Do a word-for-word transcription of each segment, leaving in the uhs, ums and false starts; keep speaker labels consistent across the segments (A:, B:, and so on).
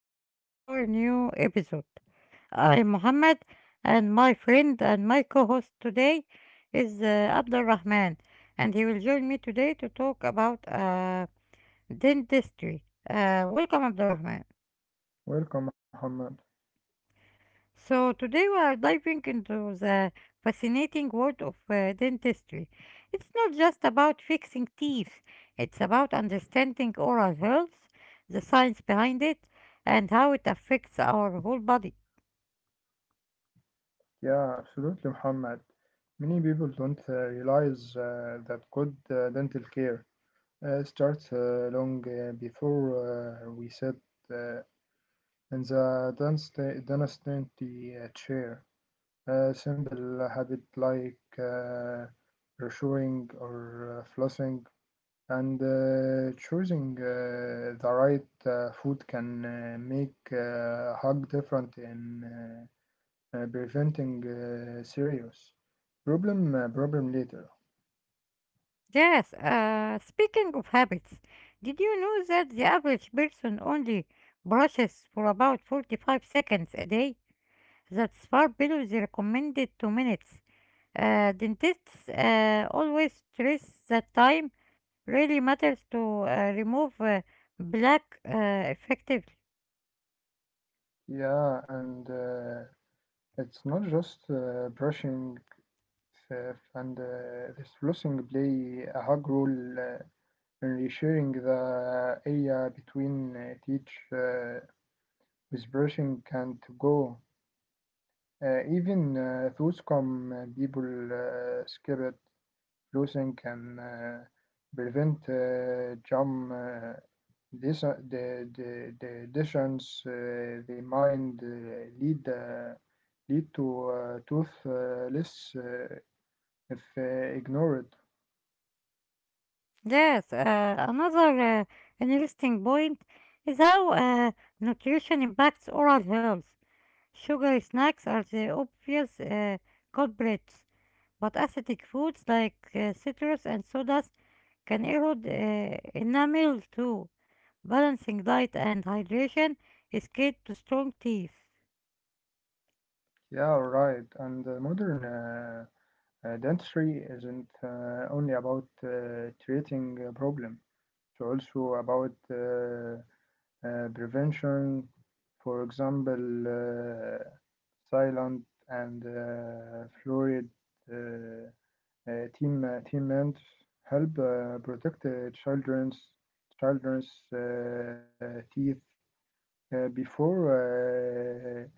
A: welcome to our new episode. I'm Mohammed, and my friend and my co host today is uh, Abdul Rahman, and he will join me today to talk about uh, dentistry. Uh, welcome, Abdul Rahman.
B: Welcome, Muhammad.
A: So, today we are diving into the fascinating world of uh, dentistry. It's not just about fixing teeth, it's about understanding oral health, the science behind it, and how it affects our whole body.
B: Yeah, absolutely, Muhammad. Many people don't uh, realize uh, that good uh, dental care uh, starts uh, long uh, before uh, we sit uh, in the dentist- dentistry uh, chair. A simple habit like uh, brushing or uh, flossing and uh, choosing uh, the right uh, food can uh, make a uh, hug different in uh, uh, preventing uh, serious problem uh, problem later.
A: Yes, uh, speaking of habits, did you know that the average person only brushes for about forty-five seconds a day? That's far below the recommended two minutes. Uh, dentists uh, always stress that time really matters to uh, remove uh, black uh, effectively.
B: Yeah, and uh, it's not just uh, brushing itself and uh, this flossing play a hug role uh, in resharing the area between uh, teach uh, with brushing can't go. Uh, even uh, those come uh, people uh, skip it. Flossing can uh, prevent uh, jam. Uh, This, uh, the, the, the additions uh, they mind uh, lead uh, lead to uh, toothless uh, if uh, ignored.
A: Yes, uh, another uh, interesting point is how uh, nutrition impacts oral health. Sugary snacks are the obvious uh, culprits, but acidic foods like uh, citrus and sodas can erode uh, enamel too. Balancing diet and hydration is key to strong teeth.
B: Yeah, right. And the modern uh, uh, dentistry isn't uh, only about uh, treating a problem. It's also about uh, uh, prevention. For example, uh, silent and uh, fluoride uh, uh, team uh, team and help uh, protect uh, children's children's uh, teeth uh, before uh,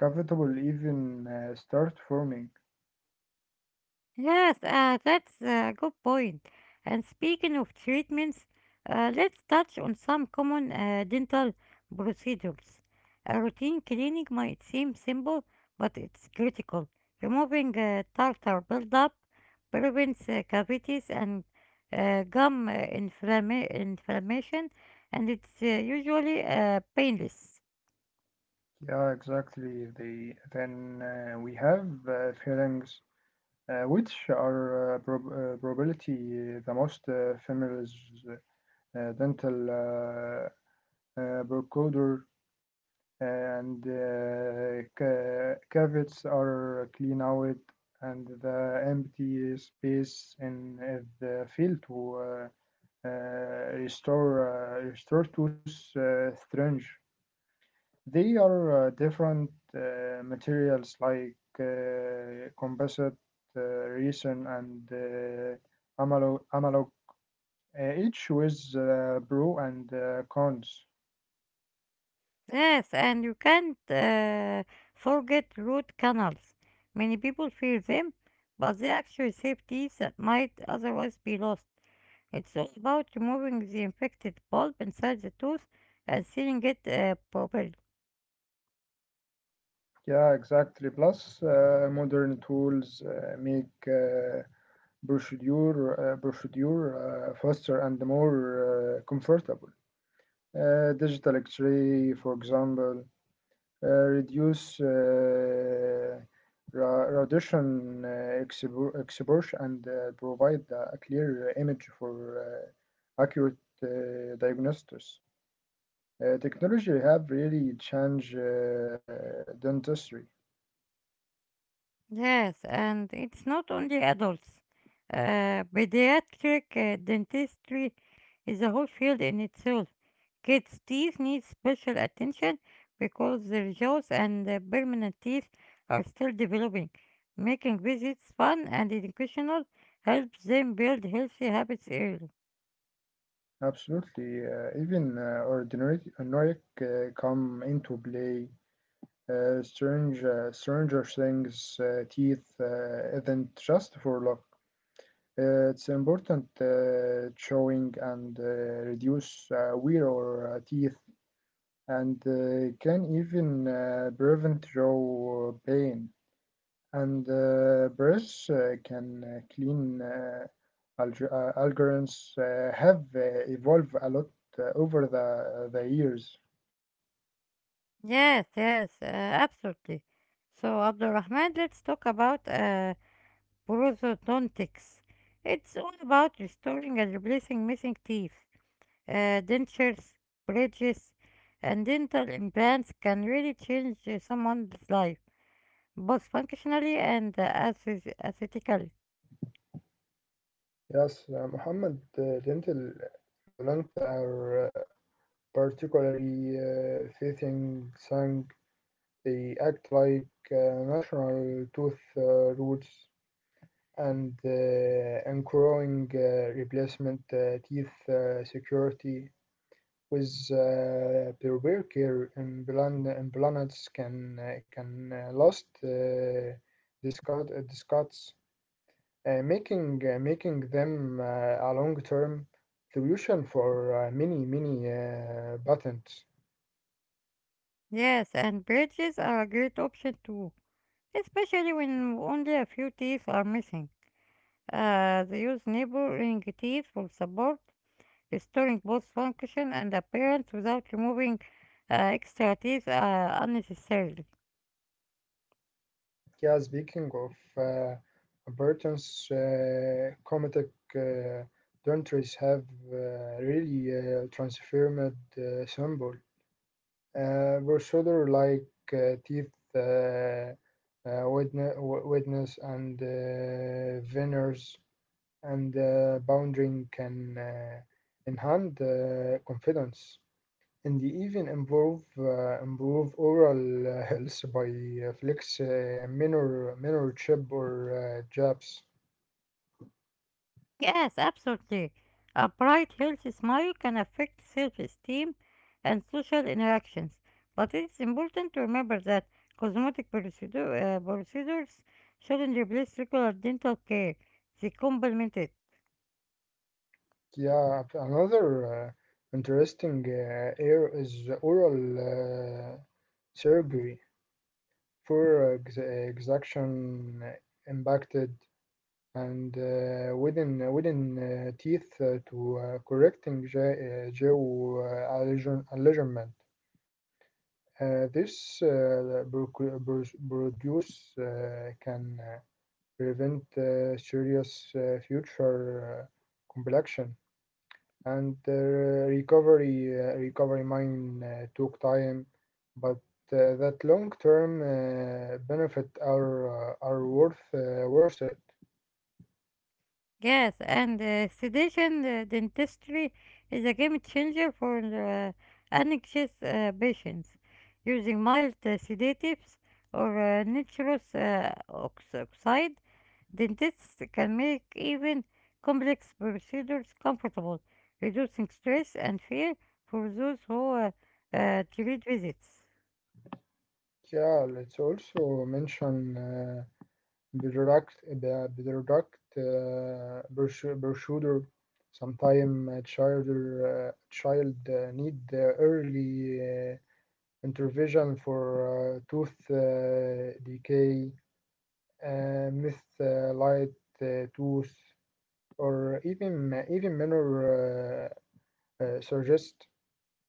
B: cavitable even uh, start forming.
A: Yes, uh, that's a good point. And speaking of treatments, uh, let's touch on some common uh, dental procedures. A routine cleaning might seem simple, but it's critical. Removing uh, tartar buildup prevents uh, cavities and uh, gum uh, inflamma- inflammation, and it's uh, usually uh, painless.
B: Yeah, exactly. The then uh, we have uh, pharynx, uh, which are uh, prob- uh, probability uh, the most uh, famous uh, dental uh, uh, brocoder and uh, ca- caveats are clean out and the empty space in uh, the field to uh, uh, restore uh, restore to s- uh, strange. They are uh, different uh, materials like uh, composite, uh, resin, and uh, amalo- analog, uh, each with uh, pro and uh, cons.
A: Yes, and you can't uh, forget root canals. Many people fear them, but they actually save teeth that might otherwise be lost. It's all about removing the infected pulp inside the tooth and sealing it uh, properly.
B: Yeah, exactly. Plus, uh, modern tools uh, make uh, procedure, uh, procedure uh, faster and more uh, comfortable. Uh, digital X-ray, for example, uh, reduce uh, ra- radiation uh, expo- exposure and uh, provide uh, a clear image for uh, accurate uh, diagnosis. Uh, technology have really changed uh, dentistry.
A: Yes, and it's not only adults. Uh, pediatric uh, dentistry is a whole field in itself. Kids' teeth need special attention because their jaws and uh, permanent teeth are still developing. Making visits fun and educational helps them build healthy habits early.
B: Absolutely. Uh, even uh, ordinary Nordic uh, come into play. Uh, strange, uh, Stranger Things uh, teeth uh, isn't just for luck. Uh, it's important uh, showing and uh, reduce uh, wear or uh, teeth and uh, can even uh, prevent jaw pain. And uh, brush uh, can uh, clean uh, Alg- uh, algorithms uh, have uh, evolved a lot uh, over the, uh, the years.
A: Yes, yes, uh, absolutely. So, Abdul Rahman, let's talk about uh, prosthodontics. It's all about restoring and replacing missing teeth. Uh, dentures, bridges, and dental implants can really change uh, someone's life, both functionally and uh, aesthet- aesthetically.
B: Yes, uh, Muhammad, uh, dental implants are uh, particularly uh, fitting sang. They act like uh, natural tooth uh, roots and uh, ensuring uh, replacement uh, teeth uh, security. With uh, pervert care implant- implants can uh, can uh, last uh, discard, uh, discards, uh, making uh, making them uh, a long term solution for uh, many many uh, patents.
A: Yes, and bridges are a great option too, especially when only a few teeth are missing. Uh, they use neighboring teeth for support, restoring both function and appearance without removing uh, extra teeth uh, unnecessarily.
B: Yeah, speaking of uh, patents, uh, Comatec uh, dentures have uh, really uh, transformed uh, symbols. Uh, procedure like uh, teeth, uh, uh, witness, witness and uh, veneers and uh, bounding can uh, enhance uh, confidence and even improve uh, improve oral uh, health by uh, flex uh, minor minor chip or uh, jabs.
A: Yes, absolutely. A bright, healthy smile can affect self esteem and social interactions. But it's important to remember that cosmetic procedure, uh, procedures shouldn't replace regular dental care, they complement it.
B: Yeah, another uh, interesting uh, area is oral uh, surgery. Poor ex- extraction impacted and uh, within wooden uh, teeth uh, to uh, correcting ge- uh, geo uh, allision- alignment. Uh, this uh, proc- pro- produce uh, can uh, prevent uh, serious uh, future uh, complexion and the recovery uh, recovery mine uh, took time, but uh, that long-term uh, benefit are uh, are worth uh, worth it.
A: Yes, and uh, sedation uh, dentistry is a game changer for uh, anxious uh, patients. Using mild uh, sedatives or uh, nitrous uh, ox- oxide. Dentists can make even complex procedures comfortable, reducing stress and fear for those who uh, uh, treat visits.
B: Yeah, let's also mention uh, Bedrock Be- Bedrock uh, Bersu- Bersuder, sometime uh, child uh, child uh, need uh, early uh, intervention for uh, tooth uh, decay uh, myth, uh, light uh, tooth, or even even minor uh, uh, suggest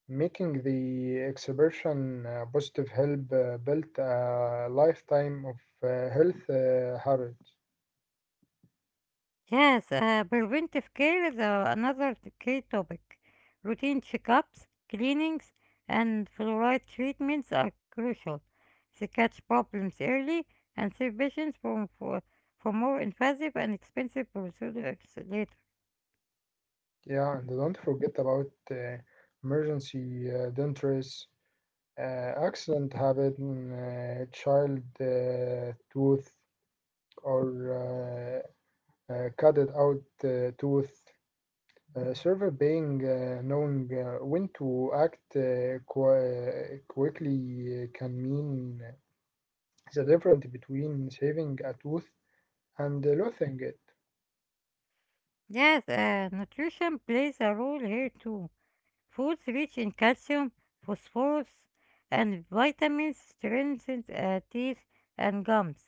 B: making the exhibition uh, positive help uh, build a lifetime of uh, health uh, habits.
A: Yes, uh, preventive care is uh, another t- key topic. Routine checkups, cleanings, and fluoride treatments are crucial. They catch problems early and save patients from, for, for more invasive and expensive procedures later.
B: Yeah, and don't forget about uh, emergency uh, dentures, uh, accident habit, uh, child uh, tooth, or uh, uh, cut it out uh, tooth. Uh, server being uh, knowing uh, when to act uh, qui- quickly uh, can mean the difference between saving a tooth and losing it.
A: Yes, uh, nutrition plays a role here too. Foods rich in calcium, phosphorus, and vitamins strengthen uh, teeth and gums.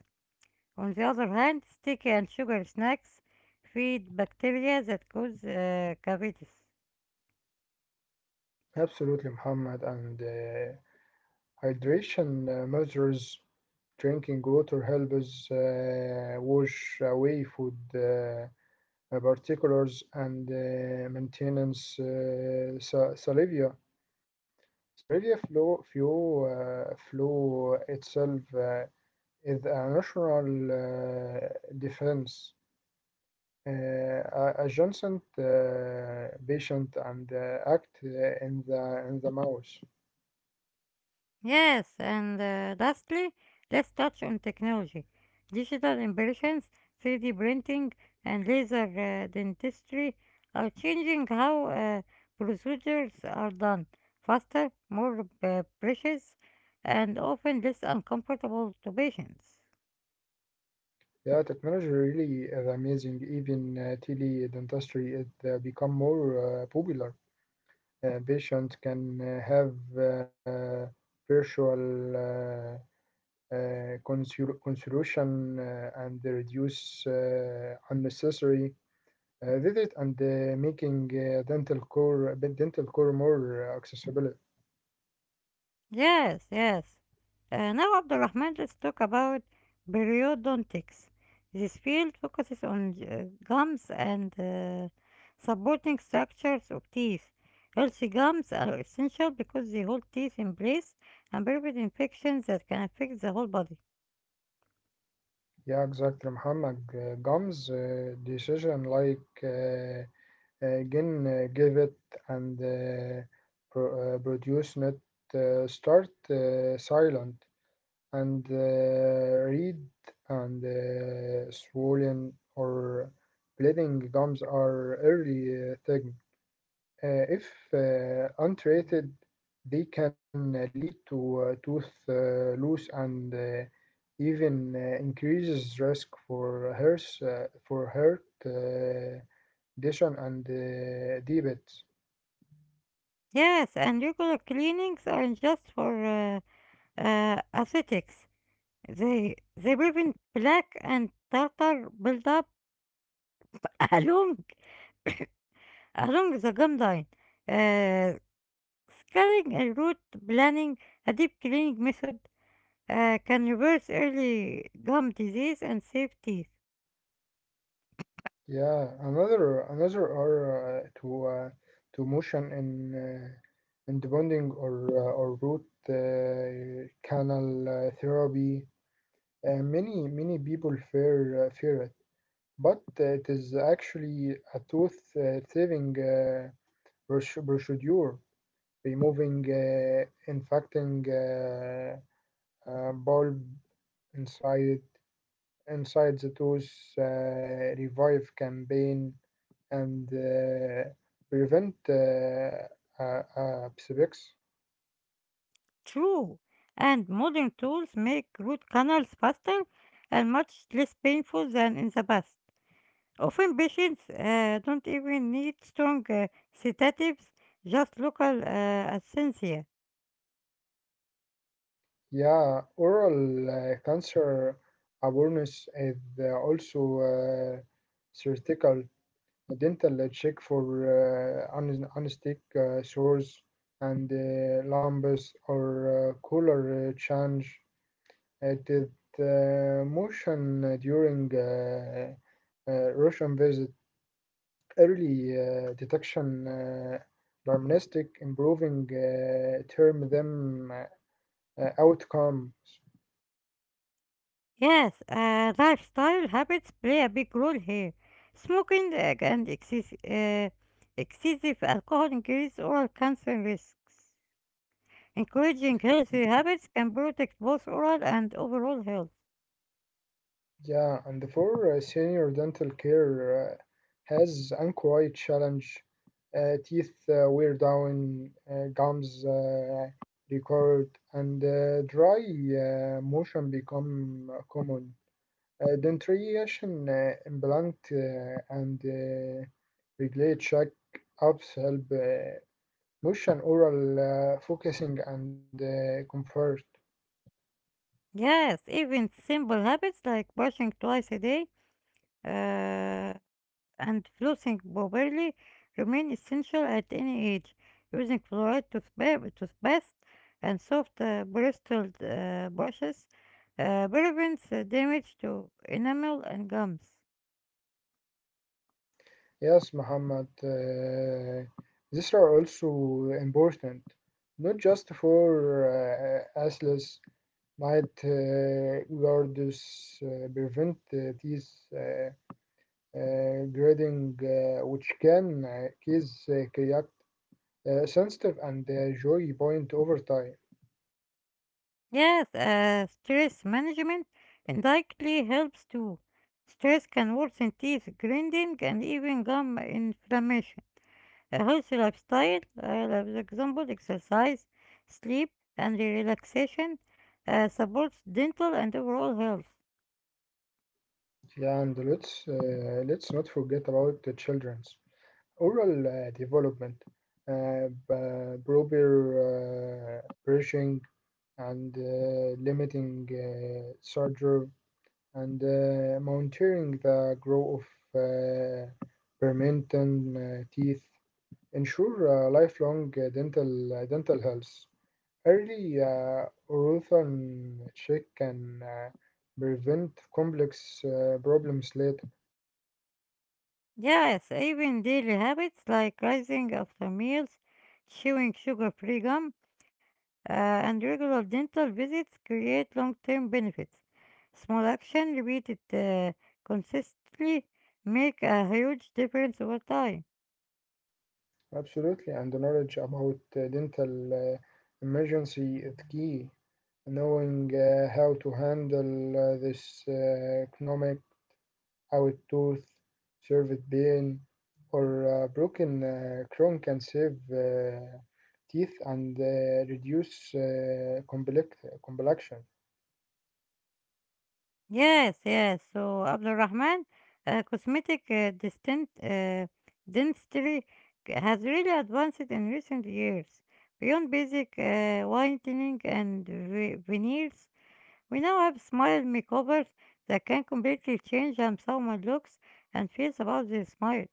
A: On the other hand, sticky and sugar snacks feed bacteria that cause uh, cavities.
B: Absolutely, Muhammad. And uh, hydration uh, measures drinking water helps uh, wash away food uh, particles and uh, maintenance uh, sa- salivia. Salivia flow, flow, uh, flow itself. Uh, is a national uh, defense, uh, a- adjacent uh, patient and uh, act uh, in the in the mouse.
A: Yes, and uh, lastly, let's touch on technology. Digital impressions, three D printing, and laser uh, dentistry are changing how uh, procedures are done faster, more uh, precious, and often less uncomfortable to patients.
B: Yeah, technology really is amazing. Even uh, tele dentistry is uh, become more uh, popular. Uh, patient can uh, have uh, virtual uh, uh, consul- consultation uh, and reduce uh, unnecessary uh, visit and uh, making uh, dental core bit dental core more uh, accessible.
A: Yes, yes. Uh, now, Abdulrahman, let's talk about periodontics. This field focuses on uh, gums and uh, supporting structures of teeth. Healthy gums are essential because they hold teeth in place and prevent infections that can affect the whole body.
B: Yeah, exactly, Muhammad. Uh, Gum's uh, decision, like uh, uh, Gin uh, gave it and uh, pro uh, produce it, uh, start uh, silent and uh, read and uh, swollen or bleeding gums are early uh, thing. Uh, if uh, untreated, they can uh, lead to uh, tooth uh, loss and uh, even uh, increases risk for heart, uh, for heart uh, condition and uh, diabetes.
A: Yes, and regular cleanings aren't just for uh, uh, aesthetics. They they prevent plaque and tartar buildup along along the gum line, uh, scaling and root planning, a deep cleaning method, uh, can reverse early gum disease and save teeth.
B: Yeah, another another are uh, to uh, to motion in uh, in the bonding or uh, or root uh, canal uh, therapy. Uh, many many people fear uh, fear it. But uh, it is actually a tooth-saving uh, proce- procedure, removing uh, infecting uh, uh, bulb inside inside the tooth, uh, revive campaign, and uh, prevent uh, uh, uh, sepsis.
A: True, and modern tools make root canals faster and much less painful than in the past. Often patients uh, don't even need strong uh, sedatives, just local uh, anesthesia.
B: Yeah, oral uh, cancer awareness is uh, also uh, critical dental check for uh, un- unstick uh, sores and uh, lumps or uh, color uh, change. It is uh, motion uh, during uh, uh, Russian visit. Early uh, detection, uh, diagnostic, improving uh, term them uh, outcomes.
A: Yes, uh, lifestyle habits play a big role here. Smoking uh, and excess- uh, excessive alcohol increase oral cancer risks. Encouraging healthy habits can protect both oral and overall health.
B: Yeah, and for uh, senior dental care uh, has unquiet challenge. Uh, teeth uh, wear down, uh, gums uh, record, and uh, dry uh, motion become common. Uh, dentration, uh, implant, uh, and uh, regulate check-ups help uh, motion, oral uh, focusing, and uh, comfort.
A: Yes, even simple habits like brushing twice a day uh, and flossing properly remain essential at any age. Using fluoride toothpa- toothpaste and soft uh, bristled uh, brushes uh, prevents uh, damage to enamel and gums.
B: Yes, Muhammad. Uh, these are also important, not just for uh, athletes, might uh, guards uh, prevent uh, these uh, uh, grading, uh, which can uh, cause uh, create uh, sensitive and uh, joy point over time.
A: Yes, uh, stress management indirectly helps too. Stress can worsen teeth grinding and even gum inflammation. A healthy lifestyle, uh, like for example, exercise, sleep, and relaxation, uh, supports dental and overall health.
B: Yeah, and let's uh, let's not forget about the children's oral uh, development, uh, b- proper uh, brushing and uh, limiting uh, surgery and uh, monitoring the growth of uh, permanent uh, teeth ensure uh, lifelong uh, dental uh, dental health. Early uh, orthodontic check can uh, prevent complex uh, problems later.
A: Yes, even daily habits like rising after meals, chewing sugar-free gum, uh, and regular dental visits create long-term benefits. Small action repeated uh, consistently make a huge difference over time.
B: Absolutely, and the knowledge about uh, dental uh, emergency is key. Knowing uh, how to handle uh, this uh, economic how a tooth, served pain, or a broken uh, crown can save uh, teeth and uh, reduce uh, complex- complexion.
A: Yes, yes. So Abdul Rahman, uh, cosmetic uh, distant, uh, dentistry c- has really advanced in recent years. Beyond basic uh, whitening and ve- veneers, we now have smile makeovers that can completely change how someone looks and feels about their smile.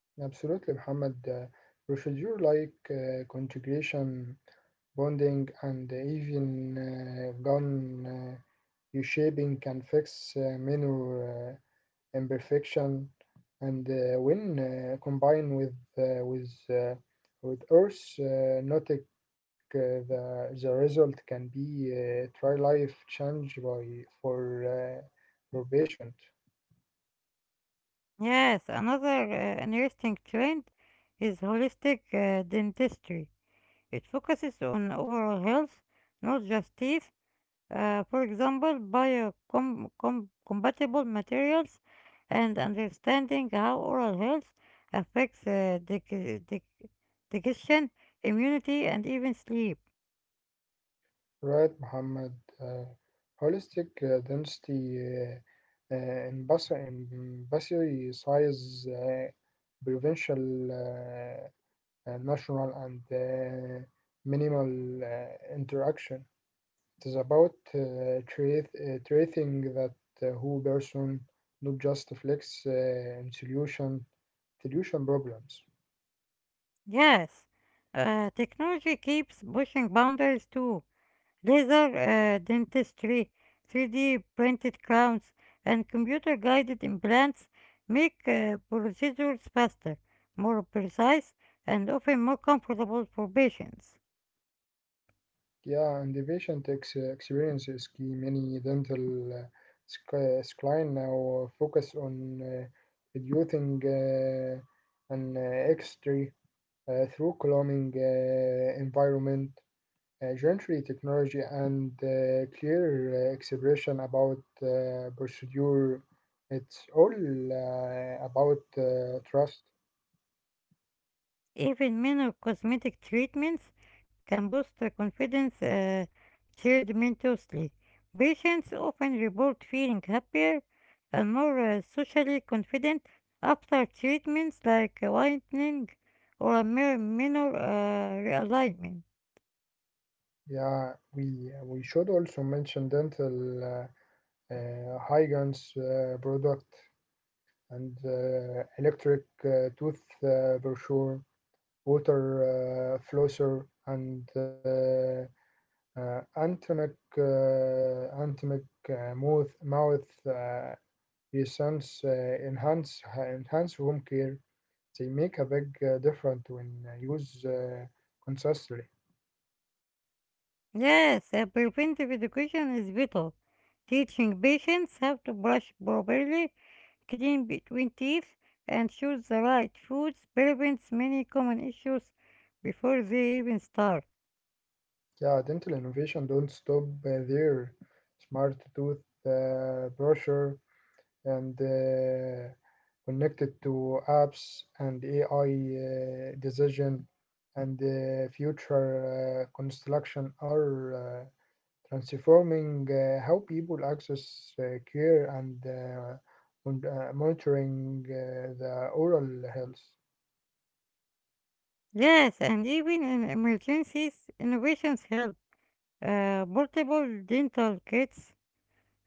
B: Absolutely, Muhammad. Uh, procedure like uh, conjugation, bonding, and even uh, gun uh, reshaping can fix uh, minor. Uh, imperfection and uh, when uh, combined with uh, with uh, with Earth uh, nautic, uh, the the result can be uh, try life change by for uh, for patient,
A: Yes, another uh, interesting trend is holistic uh, dentistry. It focuses on overall health, not just teeth. Uh, for example, biocompatible materials and understanding how oral health affects uh, dig- dig- digestion, immunity, and even sleep.
B: right, Muhammad? Uh, holistic uh, density uh, uh, embassy size uh, provincial uh, uh, national and uh, minimal uh, interaction. It is about uh, tra- uh, tracing that uh, whole person, not just flex uh, and solution solution problems.
A: Yes, uh, technology keeps pushing boundaries too. Laser uh, dentistry, three D printed crowns, and computer guided implants make uh, procedures faster, more precise, and often more comfortable for patients.
B: Yeah, and the patient ex- experience is key. Many dental uh, sc- uh, clients now focus on uh, reducing uh, an uh, extra uh, through calming uh, environment. Uh, gentry technology and uh, clear uh, expression about uh, procedure. It's all uh, about uh, trust.
A: Even minor cosmetic treatments can boost the confidence uh, tremendously. Patients often report feeling happier and more uh, socially confident after treatments like whitening or a mere minor uh, realignment.
B: Yeah, we we should also mention dental uh, uh, hygien's uh, product and uh, electric uh, tooth uh, brochure, water uh, flosser, and uh, uh, anatomic uh, anatomic uh, mouth mouth uh, Essence, uh, enhance ha- enhance home care. They make a big uh, difference when uh, used uh, consistently.
A: Yes, uh, preventive education is vital. Teaching patients how to brush properly, clean between teeth, and choose the right foods prevents many common issues before they even start.
B: Yeah, dental innovation don't stop uh, there. Smart tooth uh, brusher, and uh, connected to apps and A I uh, decision and uh, future uh, construction are uh, transforming uh, how people access uh, care and uh, mon- uh, monitoring uh, the oral health.
A: Yes, and even in emergencies, innovations help. Uh, portable dental kits,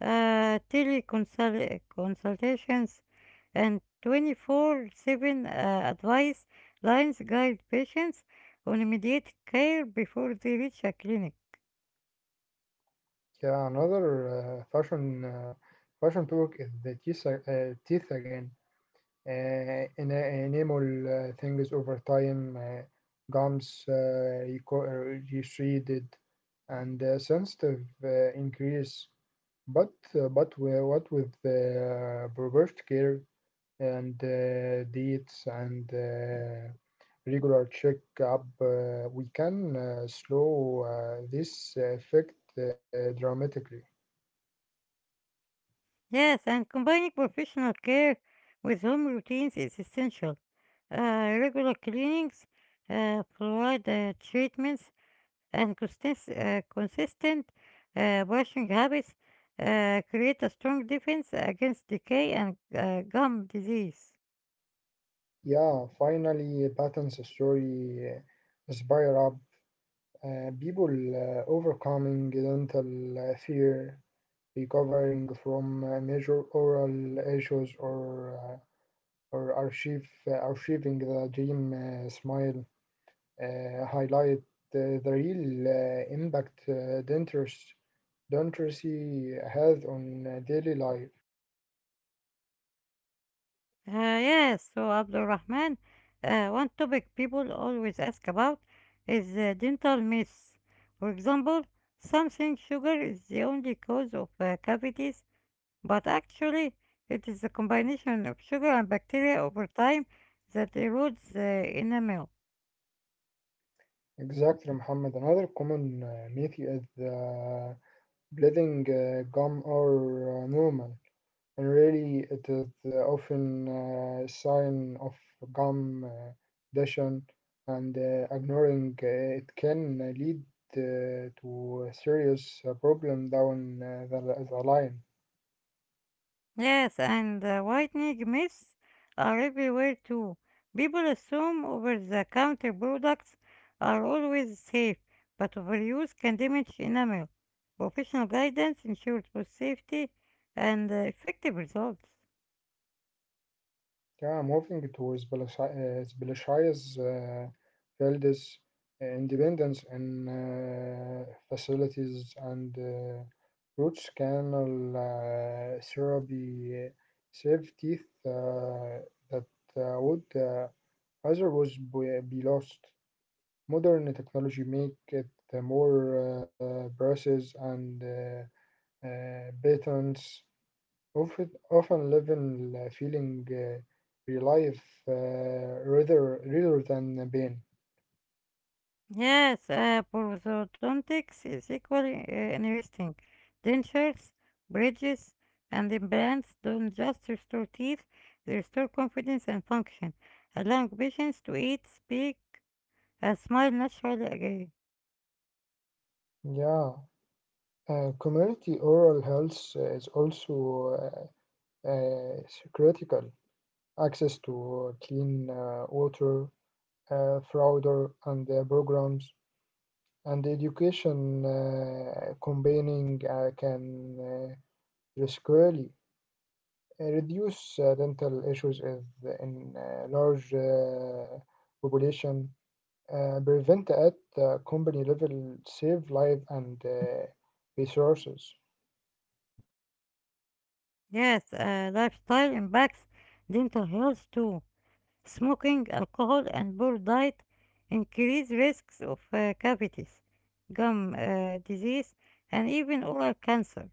A: uh, teleconsultations, and twenty-four seven uh, advice lines guide patients on immediate care before they reach a clinic.
B: Yeah, another uh, fashion uh, fashion topic is the teeth, uh, teeth again. uh, en- enable uh, things over time, uh, GAMS uh, reco- uh, receded and uh, sensitive uh, increase. But uh, but we- what with uh, reversed care and uh, diets and uh, regular checkup, uh, we can uh, slow uh, this effect uh, dramatically.
A: Yes, and combining professional care with home routines is essential. uh, regular cleanings, uh, fluoride uh, treatments, and consist- uh, consistent uh, brushing habits uh, create a strong defense against decay and uh, gum disease.
B: Yeah, finally, patterns story uh, spiral up. Uh, people uh, overcoming dental uh, fear, recovering from uh, major oral issues, or uh, or archive, uh, archiving the dream uh, smile uh, highlight the, the real uh, impact uh, dentist, dentistry has on uh, daily life.
A: Uh, yes, so Abdul Rahman, uh, one topic people always ask about is uh, dental myths. For example, some think sugar is the only cause of uh, cavities. But actually, it is the combination of sugar and bacteria over time that erodes the enamel.
B: Exactly, Muhammad. Another common uh, myth is uh, bleeding uh, gum or uh, normal. And really it is uh, often a sign of calm uh, dation and uh, ignoring uh, it can uh, lead uh, to a serious uh, problem down uh, the, the line.
A: Yes, and uh, whitening myths are everywhere too. People assume over-the-counter products are always safe, but overuse can damage enamel. Professional guidance ensures both safety and uh, effective results.
B: Yeah, I'm moving towards Belishai's uh, Belashai's uh, elders, uh, independence in uh, facilities and uh, roots canal uh, therapy save teeth uh, that uh, would uh, otherwise be be lost. Modern technology make it more uh, braces and uh, uh, patents often often live in the feeling uh, real life uh, rather rather than pain.
A: Yes, uh, prosthodontics is equally uh, interesting. Dentures, bridges, and implants don't just restore teeth, they restore confidence and function, allowing patients to eat, speak, and smile naturally again.
B: Yeah, uh, community oral health is also uh, uh, critical. Access to clean uh, water, uh, flounder, and uh, programs, and education uh, combining uh, can uh, risk really. Uh, reduce uh, dental issues is in uh, large uh, population, uh, prevent at the company level, save life and uh, resources.
A: Yes, uh, lifestyle impacts dental health too. Smoking, alcohol, and poor diet increase risks of uh, cavities, gum uh, disease, and even oral cancer.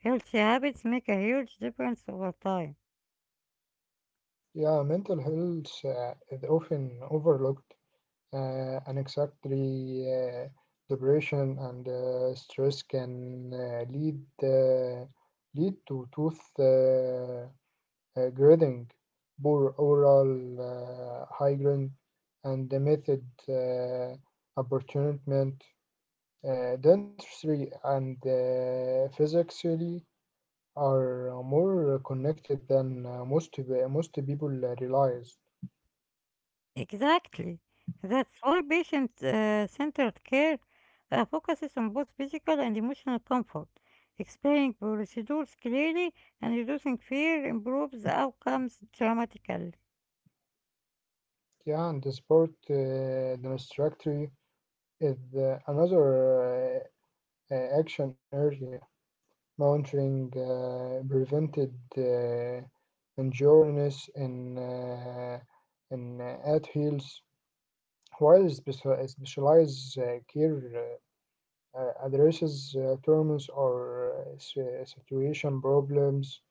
A: Healthy habits make a huge difference over time.
B: Yeah, mental health uh, is often overlooked. Uh, unexactly, uh, depression and uh, stress can uh, lead uh, lead to tooth uh, uh, grading, poor oral uh, hygiene, and the method uh, apportionment. Uh, dentistry and uh, physically are uh, more connected than uh, most uh, most people realize.
A: Exactly. That's why patient uh, centered care uh, focuses on both physical and emotional comfort. Explaining procedures clearly and reducing fear improves outcomes dramatically.
B: Yeah, and the sport uh, dentistry is uh, another uh, uh, action area. Monitoring uh, prevented uh, injuries in, uh, in uh, at heels, while special- uh, specialized uh, care uh, uh, addresses uh, terms or uh, si- situation problems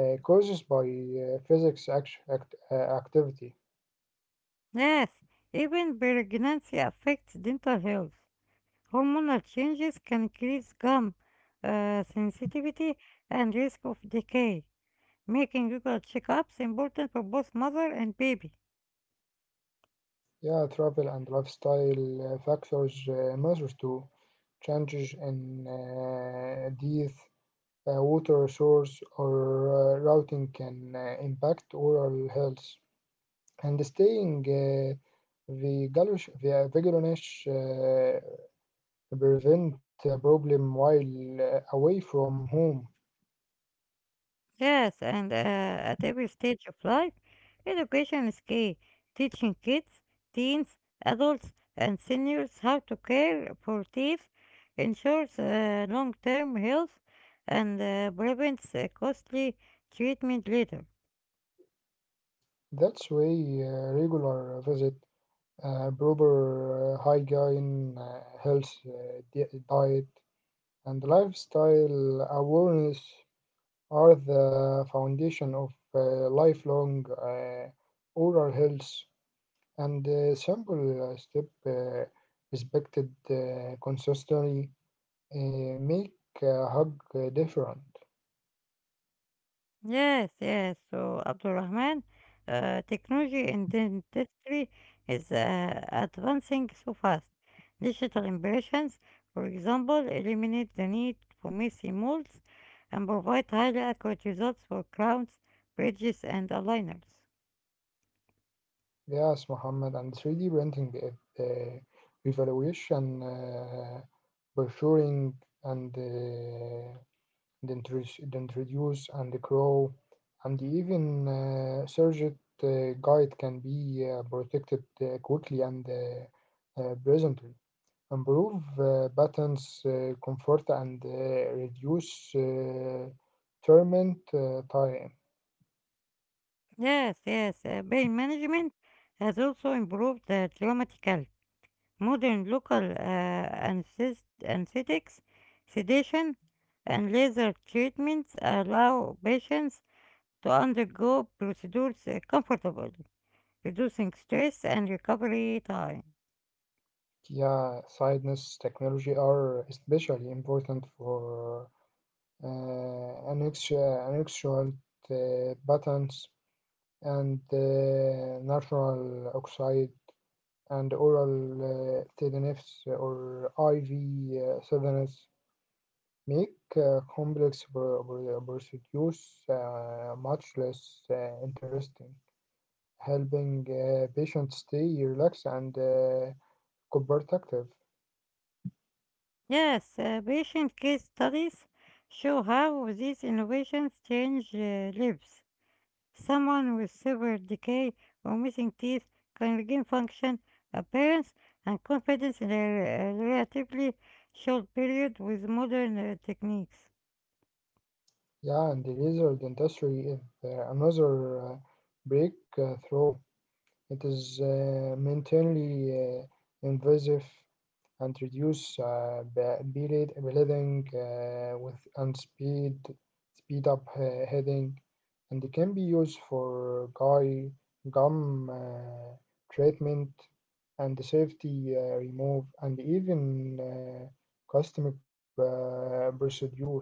B: uh, caused by uh, physics act- act- uh, activity.
A: Yes, even pregnancy affects dental health. Hormonal changes can increase gum uh, sensitivity and risk of decay, making regular checkups important for both mother and baby.
B: Yeah, travel and lifestyle uh, factors uh, matter too. Changes in uh, diet, Uh, water source or uh, routing can uh, impact oral health and staying uh, vigilous, vigilance, uh, prevent a problem while uh, away from home.
A: Yes, and uh, at every stage of life, education is key. Teaching kids, teens, adults, and seniors how to care for teeth ensures uh, long term health and uh, prevents uh, costly treatment later.
B: That's why uh, regular visit, uh, proper uh, hygiene, uh, health, uh, di- diet, and lifestyle awareness are the foundation of uh, lifelong uh, oral health. And uh, simple uh, step uh, respected uh, consistently uh, make a hug uh, different.
A: Yes, yes. So Abdulrahman, uh, technology in the industry is uh, advancing so fast. Digital impressions, for example, eliminate the need for messy molds and provide highly accurate results for crowns, bridges, and aligners.
B: Yes, Mohammed, and three D printing it uh, evaluation, uh, brochuring, and uh, the, introduce, the introduce and the grow and even uh, surged uh, guide can be uh, protected uh, quickly and uh, uh, presently. Improve uh, buttons, uh, comfort, and uh, reduce uh, torment uh, time.
A: Yes, yes. Uh, pain management has also improved uh, dramatically. Modern local uh, anthest- anesthetics, sedation, and laser treatments allow patients to undergo procedures uh, comfortably, reducing stress and recovery time.
B: Yeah, sideness technology are especially important for uh, annexual uh, buttons and uh, natural oxide and oral uh, T N Fs or I V uh, Southerners make uh, complex pro- pro- procedures uh, much less uh, interesting, helping uh, patients stay relaxed and uh, cooperative.
A: Yes, uh, patient case studies show how these innovations change uh, lives. Someone with severe decay or missing teeth can regain function, appearance, and confidence in a re- a relatively short period with modern uh, techniques.
B: Yeah, and the laser dentistry is uh, another uh, breakthrough. It is uh, mainly uh, invasive and reduce uh, be- bleed- bleeding uh, with and speed speed up uh, heading and it can be used for guy gum uh, treatment and safety uh, remove and even uh, cosmetic uh, procedures.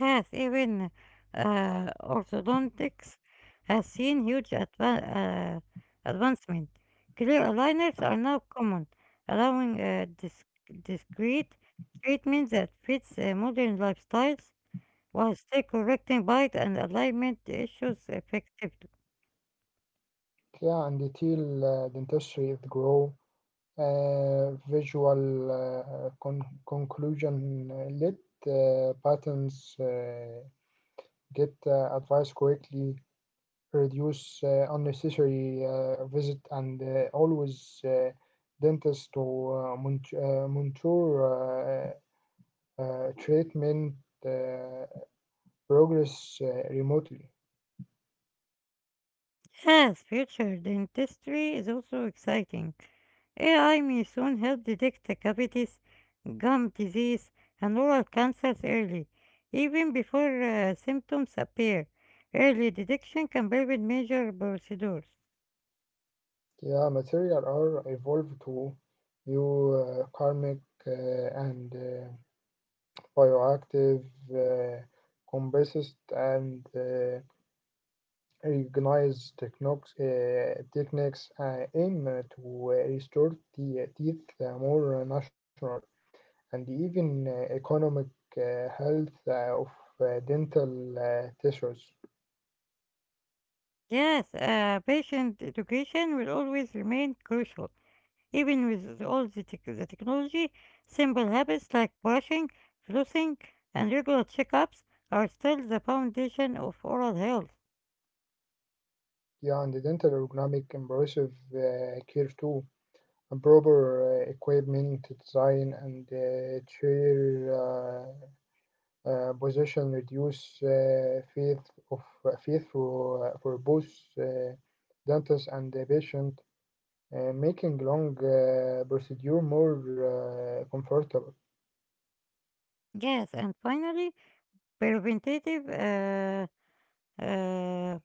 A: Yes, even uh, orthodontics has seen huge adva- uh, advancement. Clear aligners are now common, allowing uh, dis- discreet treatment that fits uh, modern lifestyles while still correcting bite and alignment issues effectively.
B: Yeah, and the uh, dentistry with grow uh, visual uh, con- conclusion. uh, Let uh, patterns. Uh, get uh, advice quickly, reduce uh, unnecessary uh, visit, and uh, always uh, dentist to uh, mont- uh, monitor uh, uh, treatment uh, progress uh, remotely.
A: Yes, future dentistry is also exciting. A I may soon help detect the cavities, gum disease, and oral cancers early, even before uh, symptoms appear. Early detection can prevent major procedures.
B: Yeah, material are evolved to new uh, karmic uh, and uh, bioactive uh, composite and uh, recognize technox, uh, techniques uh, aim uh, to uh, restore the eh, teeth uh, more natural and even uh, economic uh, health uh, of uh, dental uh, tissues.
A: Yes, uh, patient education will always remain crucial. Even with all the, tech the technology, simple habits like brushing, flossing, and regular checkups are still the foundation of oral health.
B: Yeah, and the dental ergonomic impressive uh, care too. And proper uh, equipment design and uh, chair uh, uh, position reduce uh, faith of uh, faith for, uh, for both uh, dentist and the patient uh, making long uh, procedure more uh, comfortable.
A: Yes, and finally, preventative uh, uh,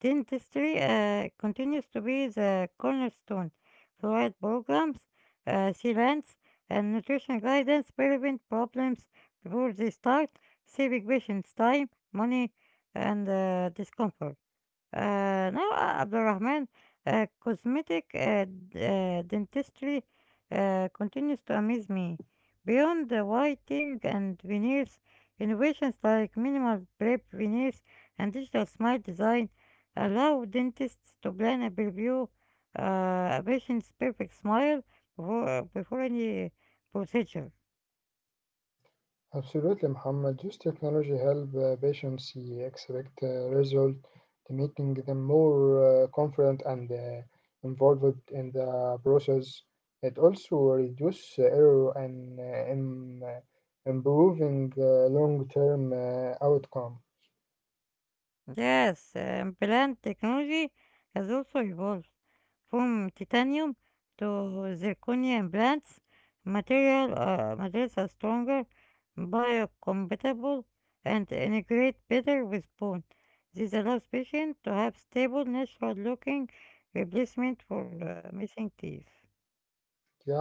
A: dentistry uh, continues to be the cornerstone. Fluoride programs, uh, serums, and nutrition guidance prevent problems before they start, saving patients time, money, and uh, discomfort. آآ نوى عبد الرحمن آآ cosmetic آآ د آآ dentistry آآ continues to amaze me. Beyond the whitening and veneers, innovations like minimal prep veneers and digital smile design allow dentists to plan and preview uh, a patient's perfect smile before, before any procedure.
B: Absolutely, Muhammad. Use technology help uh, patients see expect uh, result, making them more uh, confident and uh, involved in the process. It also reduce uh, error and uh, im- uh, improving uh, long-term uh, outcome.
A: Yes, um, plant technology has also evolved from titanium to zirconium implants. Material, uh, materials are stronger, biocompatible, and integrate better with bone. This allows patients to have stable, natural-looking replacement for uh, missing teeth.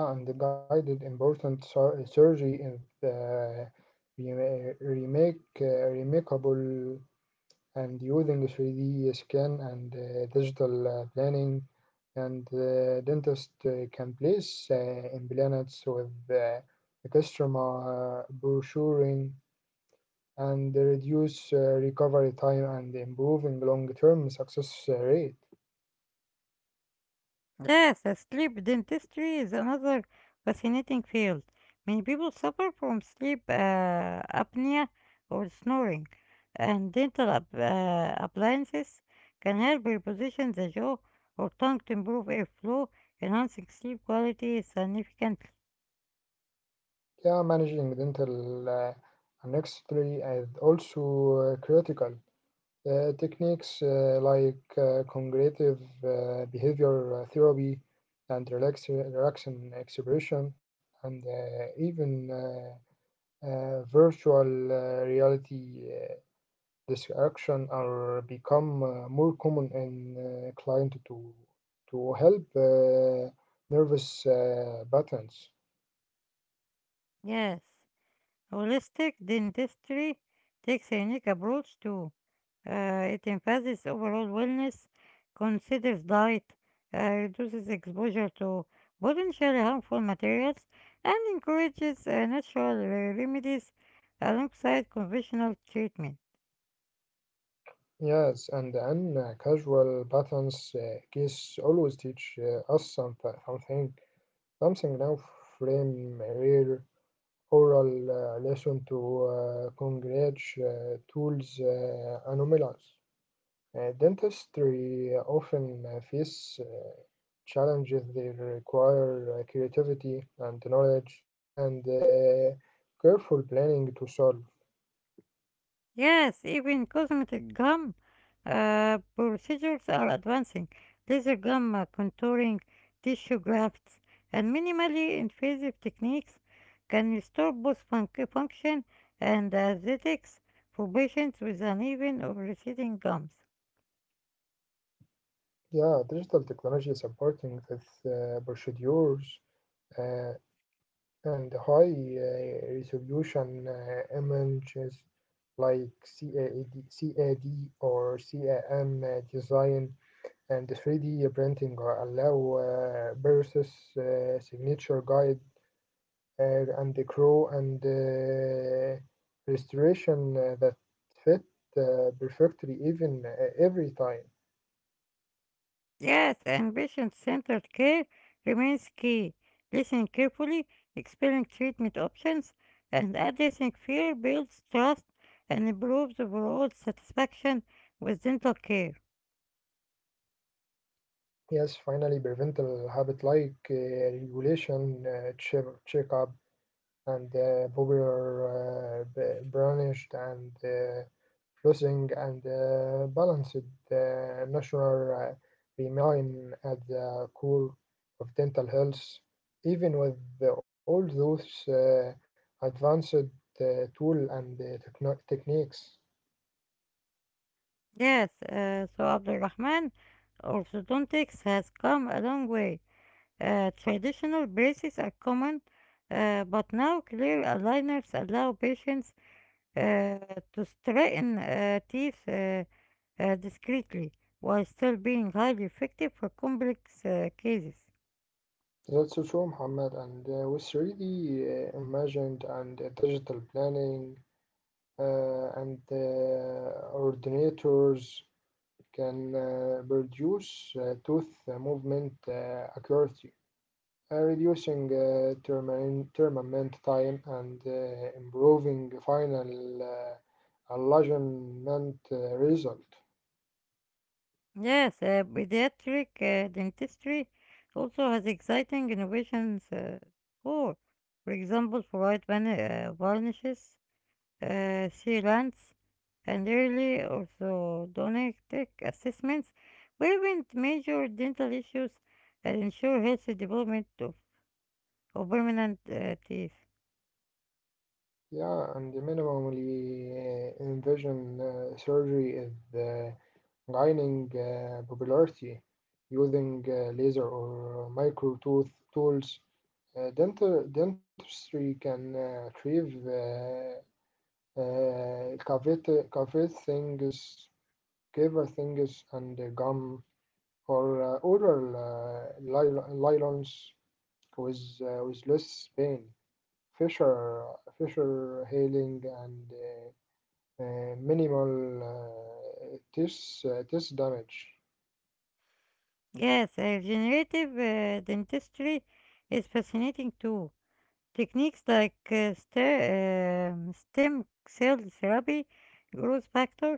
B: Yeah, and the guided important sur- surgery is uh, rema- remake uh, remarkable and using three D scan and uh, digital uh, planning, and uh, dentist uh, can place uh, implants with uh, extrema brochuring and reduce uh, recovery time and improving long-term success uh, rate.
A: Yes, uh, sleep dentistry is another fascinating field. Many people suffer from sleep uh, apnea or snoring, and dental app- uh, appliances can help reposition the jaw or tongue to improve airflow, enhancing sleep quality significantly.
B: Yeah, managing dental uh, annexity is also uh, critical. Uh, techniques uh, like uh, cognitive uh, behavior uh, therapy and relax- relaxation expression and uh, even uh, uh, virtual uh, reality uh, distraction are become uh, more common in uh, client to to help uh, nervous uh, patterns.
A: Yes, holistic dentistry takes a unique approach to. Uh, it emphasizes overall wellness, considers diet, uh, reduces exposure to potentially harmful materials, and encourages uh, natural remedies alongside conventional treatment.
B: Yes, and then uh, casual patterns uh, case always teach uh, us some, something, something now frame rare oral uh, lesson to uh, congregate uh, tools uh, anomalies. Uh, dentistry often uh, face uh, challenges that require uh, creativity and knowledge and uh, careful planning to solve.
A: Yes, even cosmetic gum uh, procedures are advancing. Laser gum uh, contouring, tissue grafts, and minimally invasive techniques can restore both func- function and aesthetics for patients with uneven or receding gums.
B: Yeah, digital technology supporting this uh, procedures uh, and high uh, resolution uh, images like C A D, or C A M uh, design and three D printing uh, allow uh, versus uh, signature guide uh, and the crow and uh, restoration uh, that fit uh, perfectly even uh, every time.
A: Yes, and patient-centered care remains key. Listen carefully, exploring treatment options, and addressing fear builds trust and improves overall satisfaction with dental care.
B: Yes, finally, prevental habit like uh, regulation, uh, check, checkup, and uh, popular uh, b- brandished and uh, flossing and uh, balanced uh, natural uh, remain at the core of dental health, even with the- all those uh, advanced uh, tool and uh, techno- techniques.
A: Yes, uh, so Abdulrahman, orthodontics has come a long way. Uh, traditional braces are common, uh, but now clear aligners allow patients uh, to straighten uh, teeth. Uh, uh, discreetly while still being highly effective for complex uh, cases.
B: That's true, Muhammad. And uh, with three D uh, imagined and uh, digital planning uh, and uh, ordinators can uh, produce uh, tooth uh, movement uh, accuracy, uh, reducing uh, termin- tournament time and uh, improving final uh, alignment uh, result.
A: Yes, uh, pediatric uh, dentistry also has exciting innovations uh, for, for example, fluoride van- uh, varnishes, uh, sealants, and early orthodontic assessments prevent major dental issues and ensure healthy development of, of permanent uh, teeth.
B: Yeah, and minimally uh, invision uh, surgery is uh, gaining uh, popularity using uh, laser or micro tooth tools. Uh, dental dentistry can uh, achieve uh, Uh, cavite, cavite things, cave things, and uh, gum or uh, oral uh, lyl- nylons with uh, with less pain. Fisher, Fisher healing and uh, uh, minimal uh, teeth uh, test damage.
A: Yes, uh, generative uh, dentistry is fascinating too. Techniques like uh, ste- um, stem cell therapy, growth factors,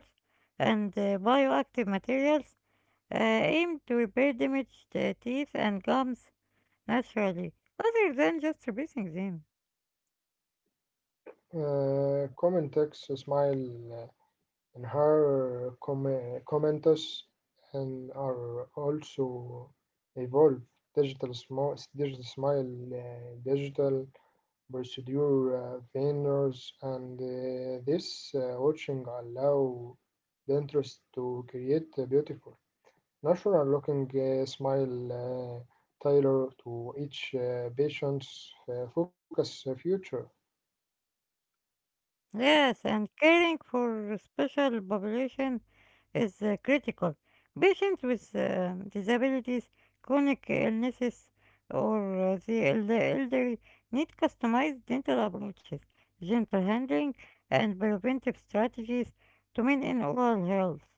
A: and uh, bioactive materials uh, aim to repair damaged uh, teeth and gums naturally, rather than just replacing them.
B: Uh, common text smile. Eh, and her com- commenters and are also evolve digital small digital smile uh, digital procedure uh, vendors and uh, this uh, watching allow the interest to create a beautiful natural looking uh, smile uh, tailor to each uh, patient's uh, focus uh, future.
A: Yes, and caring for special population is uh, critical. Patients with uh, disabilities, chronic illnesses, or uh, the eld- elderly need customized dental approaches, gentle handling, and preventive strategies to maintain oral health.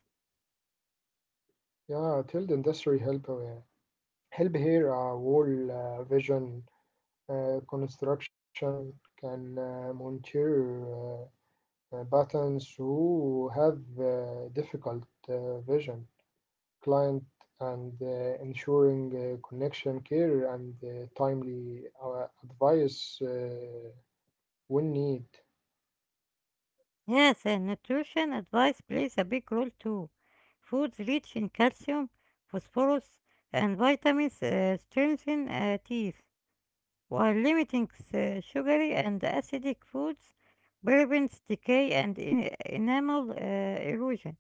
B: Yeah, till the industry help uh, help here a whole uh, vision uh, construction can uh, monitor uh, patients who have uh, difficult uh, vision, client, and uh, ensuring uh, connection care and uh, timely uh, advice uh, when need.
A: Yes, and nutrition advice plays a big role too. Foods rich in calcium, phosphorus, and vitamins uh, strengthen uh, teeth, while limiting the sugary and acidic foods prevents decay and e- enamel uh, erosion.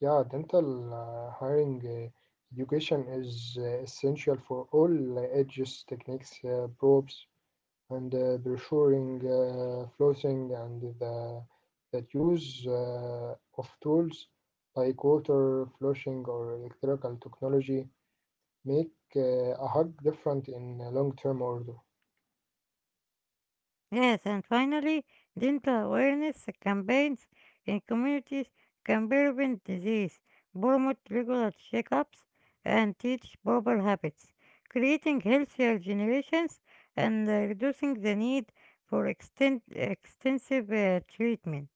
B: Yeah, dental uh, hiring uh, education is uh, essential for all uh, edges, techniques, uh, probes, and uh, ensuring uh, flooding and the, the use uh, of tools like water flushing or electrical technology make uh, a hug different in a long-term order.
A: Yes, and finally, dental awareness campaigns in communities can prevent disease, promote regular checkups, and teach proper habits, creating healthier generations and uh, reducing the need for exten- extensive uh, treatment.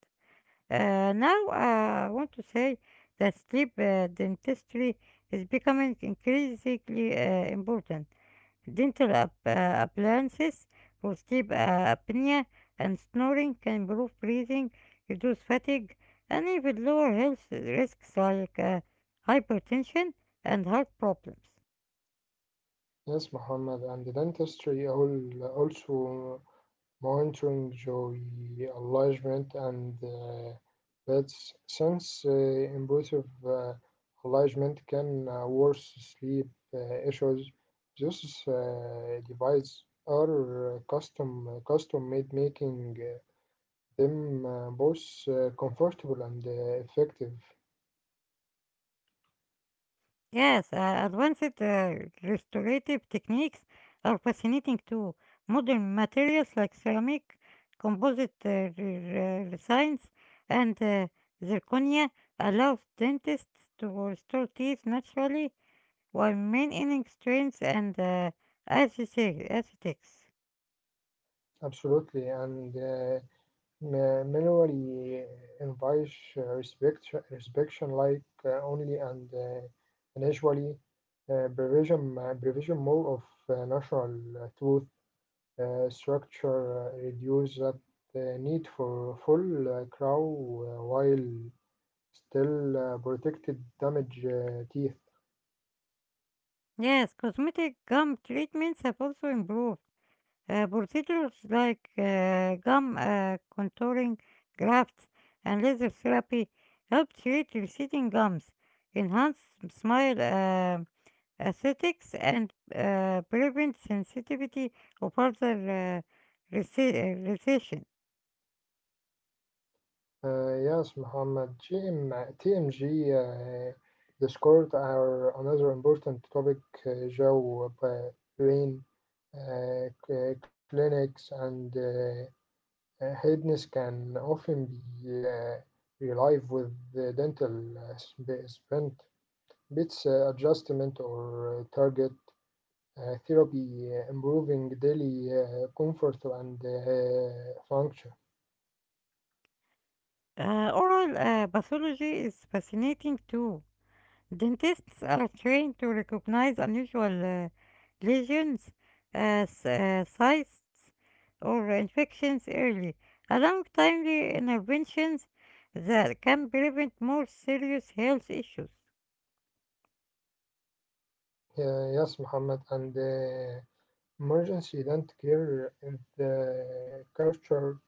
A: Uh, now, uh, I want to say that sleep uh, dentistry is becoming increasingly uh, important. Dental ap- uh, appliances for sleep uh, apnea and snoring can improve breathing, reduce fatigue, and even lower health risks like uh, hypertension and heart problems.
B: Yes, Muhammad, and the dentistry all also monitoring joy alignment and uh, that's since uh, impulsive uh, alignment can uh, worsen sleep uh, issues. These uh, devices are uh, custom uh, custom made, making uh, them uh, both uh, comfortable and uh, effective.
A: Yes, uh, advanced uh, restorative techniques are fascinating too. Modern materials like ceramic, composite uh, re- re- resins, and uh, zirconia allow dentists to restore teeth naturally while maintaining strength and uh, aesthetics.
B: Absolutely, and uh, ma- manually invites uh, respect, respection like uh, only and uh, initially. Uh, abbreviation, abbreviation more of uh, natural uh, tooth uh, structure uh, reduce that uh, need for full uh, crow uh, while still uh, protected damaged uh, teeth.
A: Yes, cosmetic gum treatments have also improved uh, procedures like uh, gum uh, contouring, grafts, and laser therapy help treat receding gums, enhance smile uh, aesthetics, and uh, prevent sensitivity or further uh, rece- uh, recession.
B: Uh, yes, Muhammad, G M, T M G uh, Discord are another important topic, uh, Joe, uh, brain uh, c- clinics and uh, Uh, Hedges can often be uh, relieved with the dental uh, sp- splint, bits uh, adjustment, or uh, target uh, therapy, uh, improving daily uh, comfort and uh, function.
A: Uh, oral uh, pathology is fascinating too. Dentists are trained to recognize unusual uh, lesions, uh, s- uh, cysts, or infections early, allowing timely interventions that can prevent more serious health issues.
B: Uh, yes, Muhammad, and uh, emergency dental care is the culture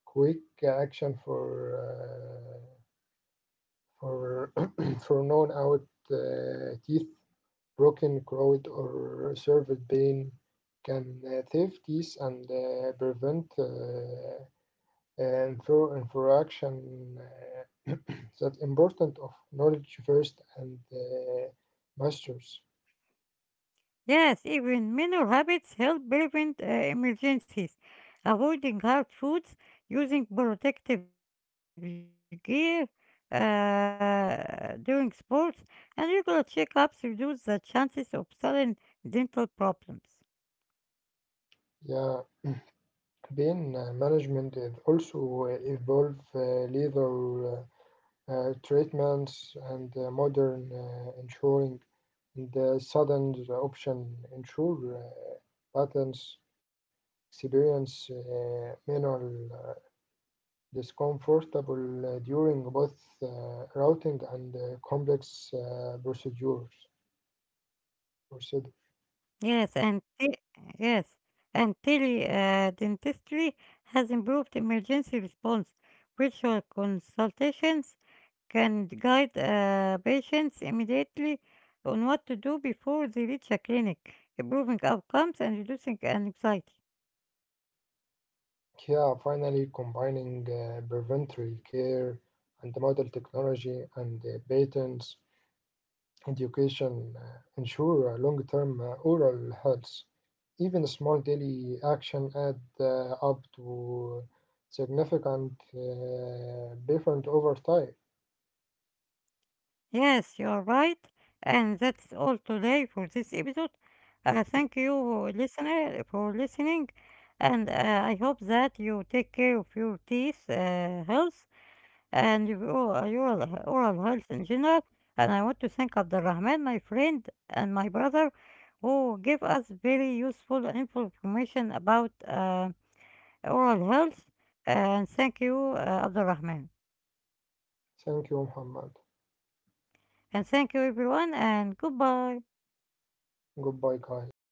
B: quick action for uh, for for known out uh, teeth broken, corroded, or severe pain can uh, save and uh, prevent uh, uh, infra- infraction. Uh, that important of knowledge first and uh, masters.
A: Yes, even minor habits help prevent uh, emergencies, avoiding hard foods, using protective gear uh, during sports, and regular checkups reduce the chances of sudden dental problems.
B: Yeah, pain uh, management is also uh, evolve uh, leather uh, uh, treatments and uh, modern uh, ensuring and uh, sudden uh, option ensure uh, patterns experience minor discomfortable uh, during both uh, routing and uh, complex uh, procedures.
A: Yes, and te- yes, and tele uh, dentistry has improved emergency response. Virtual consultations can guide uh, patients immediately on what to do before they reach a clinic, improving outcomes and reducing anxiety.
B: Here, finally, combining uh, preventive care and the model technology and uh, patents education uh, ensure uh, long-term uh, oral health. Even small daily action add uh, up to significant uh, different over time.
A: Yes, you are right, and that's all today for this episode. Uh, thank you, listener, for listening, and uh, I hope that you take care of your teeth uh, health and your oral, your oral health in general. And I want to thank Abdulrahman, my friend, and my brother, who gave us very useful and info- information about uh, oral health. And thank you, uh, Abdulrahman.
B: Thank you, Muhammad.
A: And thank you, everyone, and goodbye.
B: Good boy, Coy.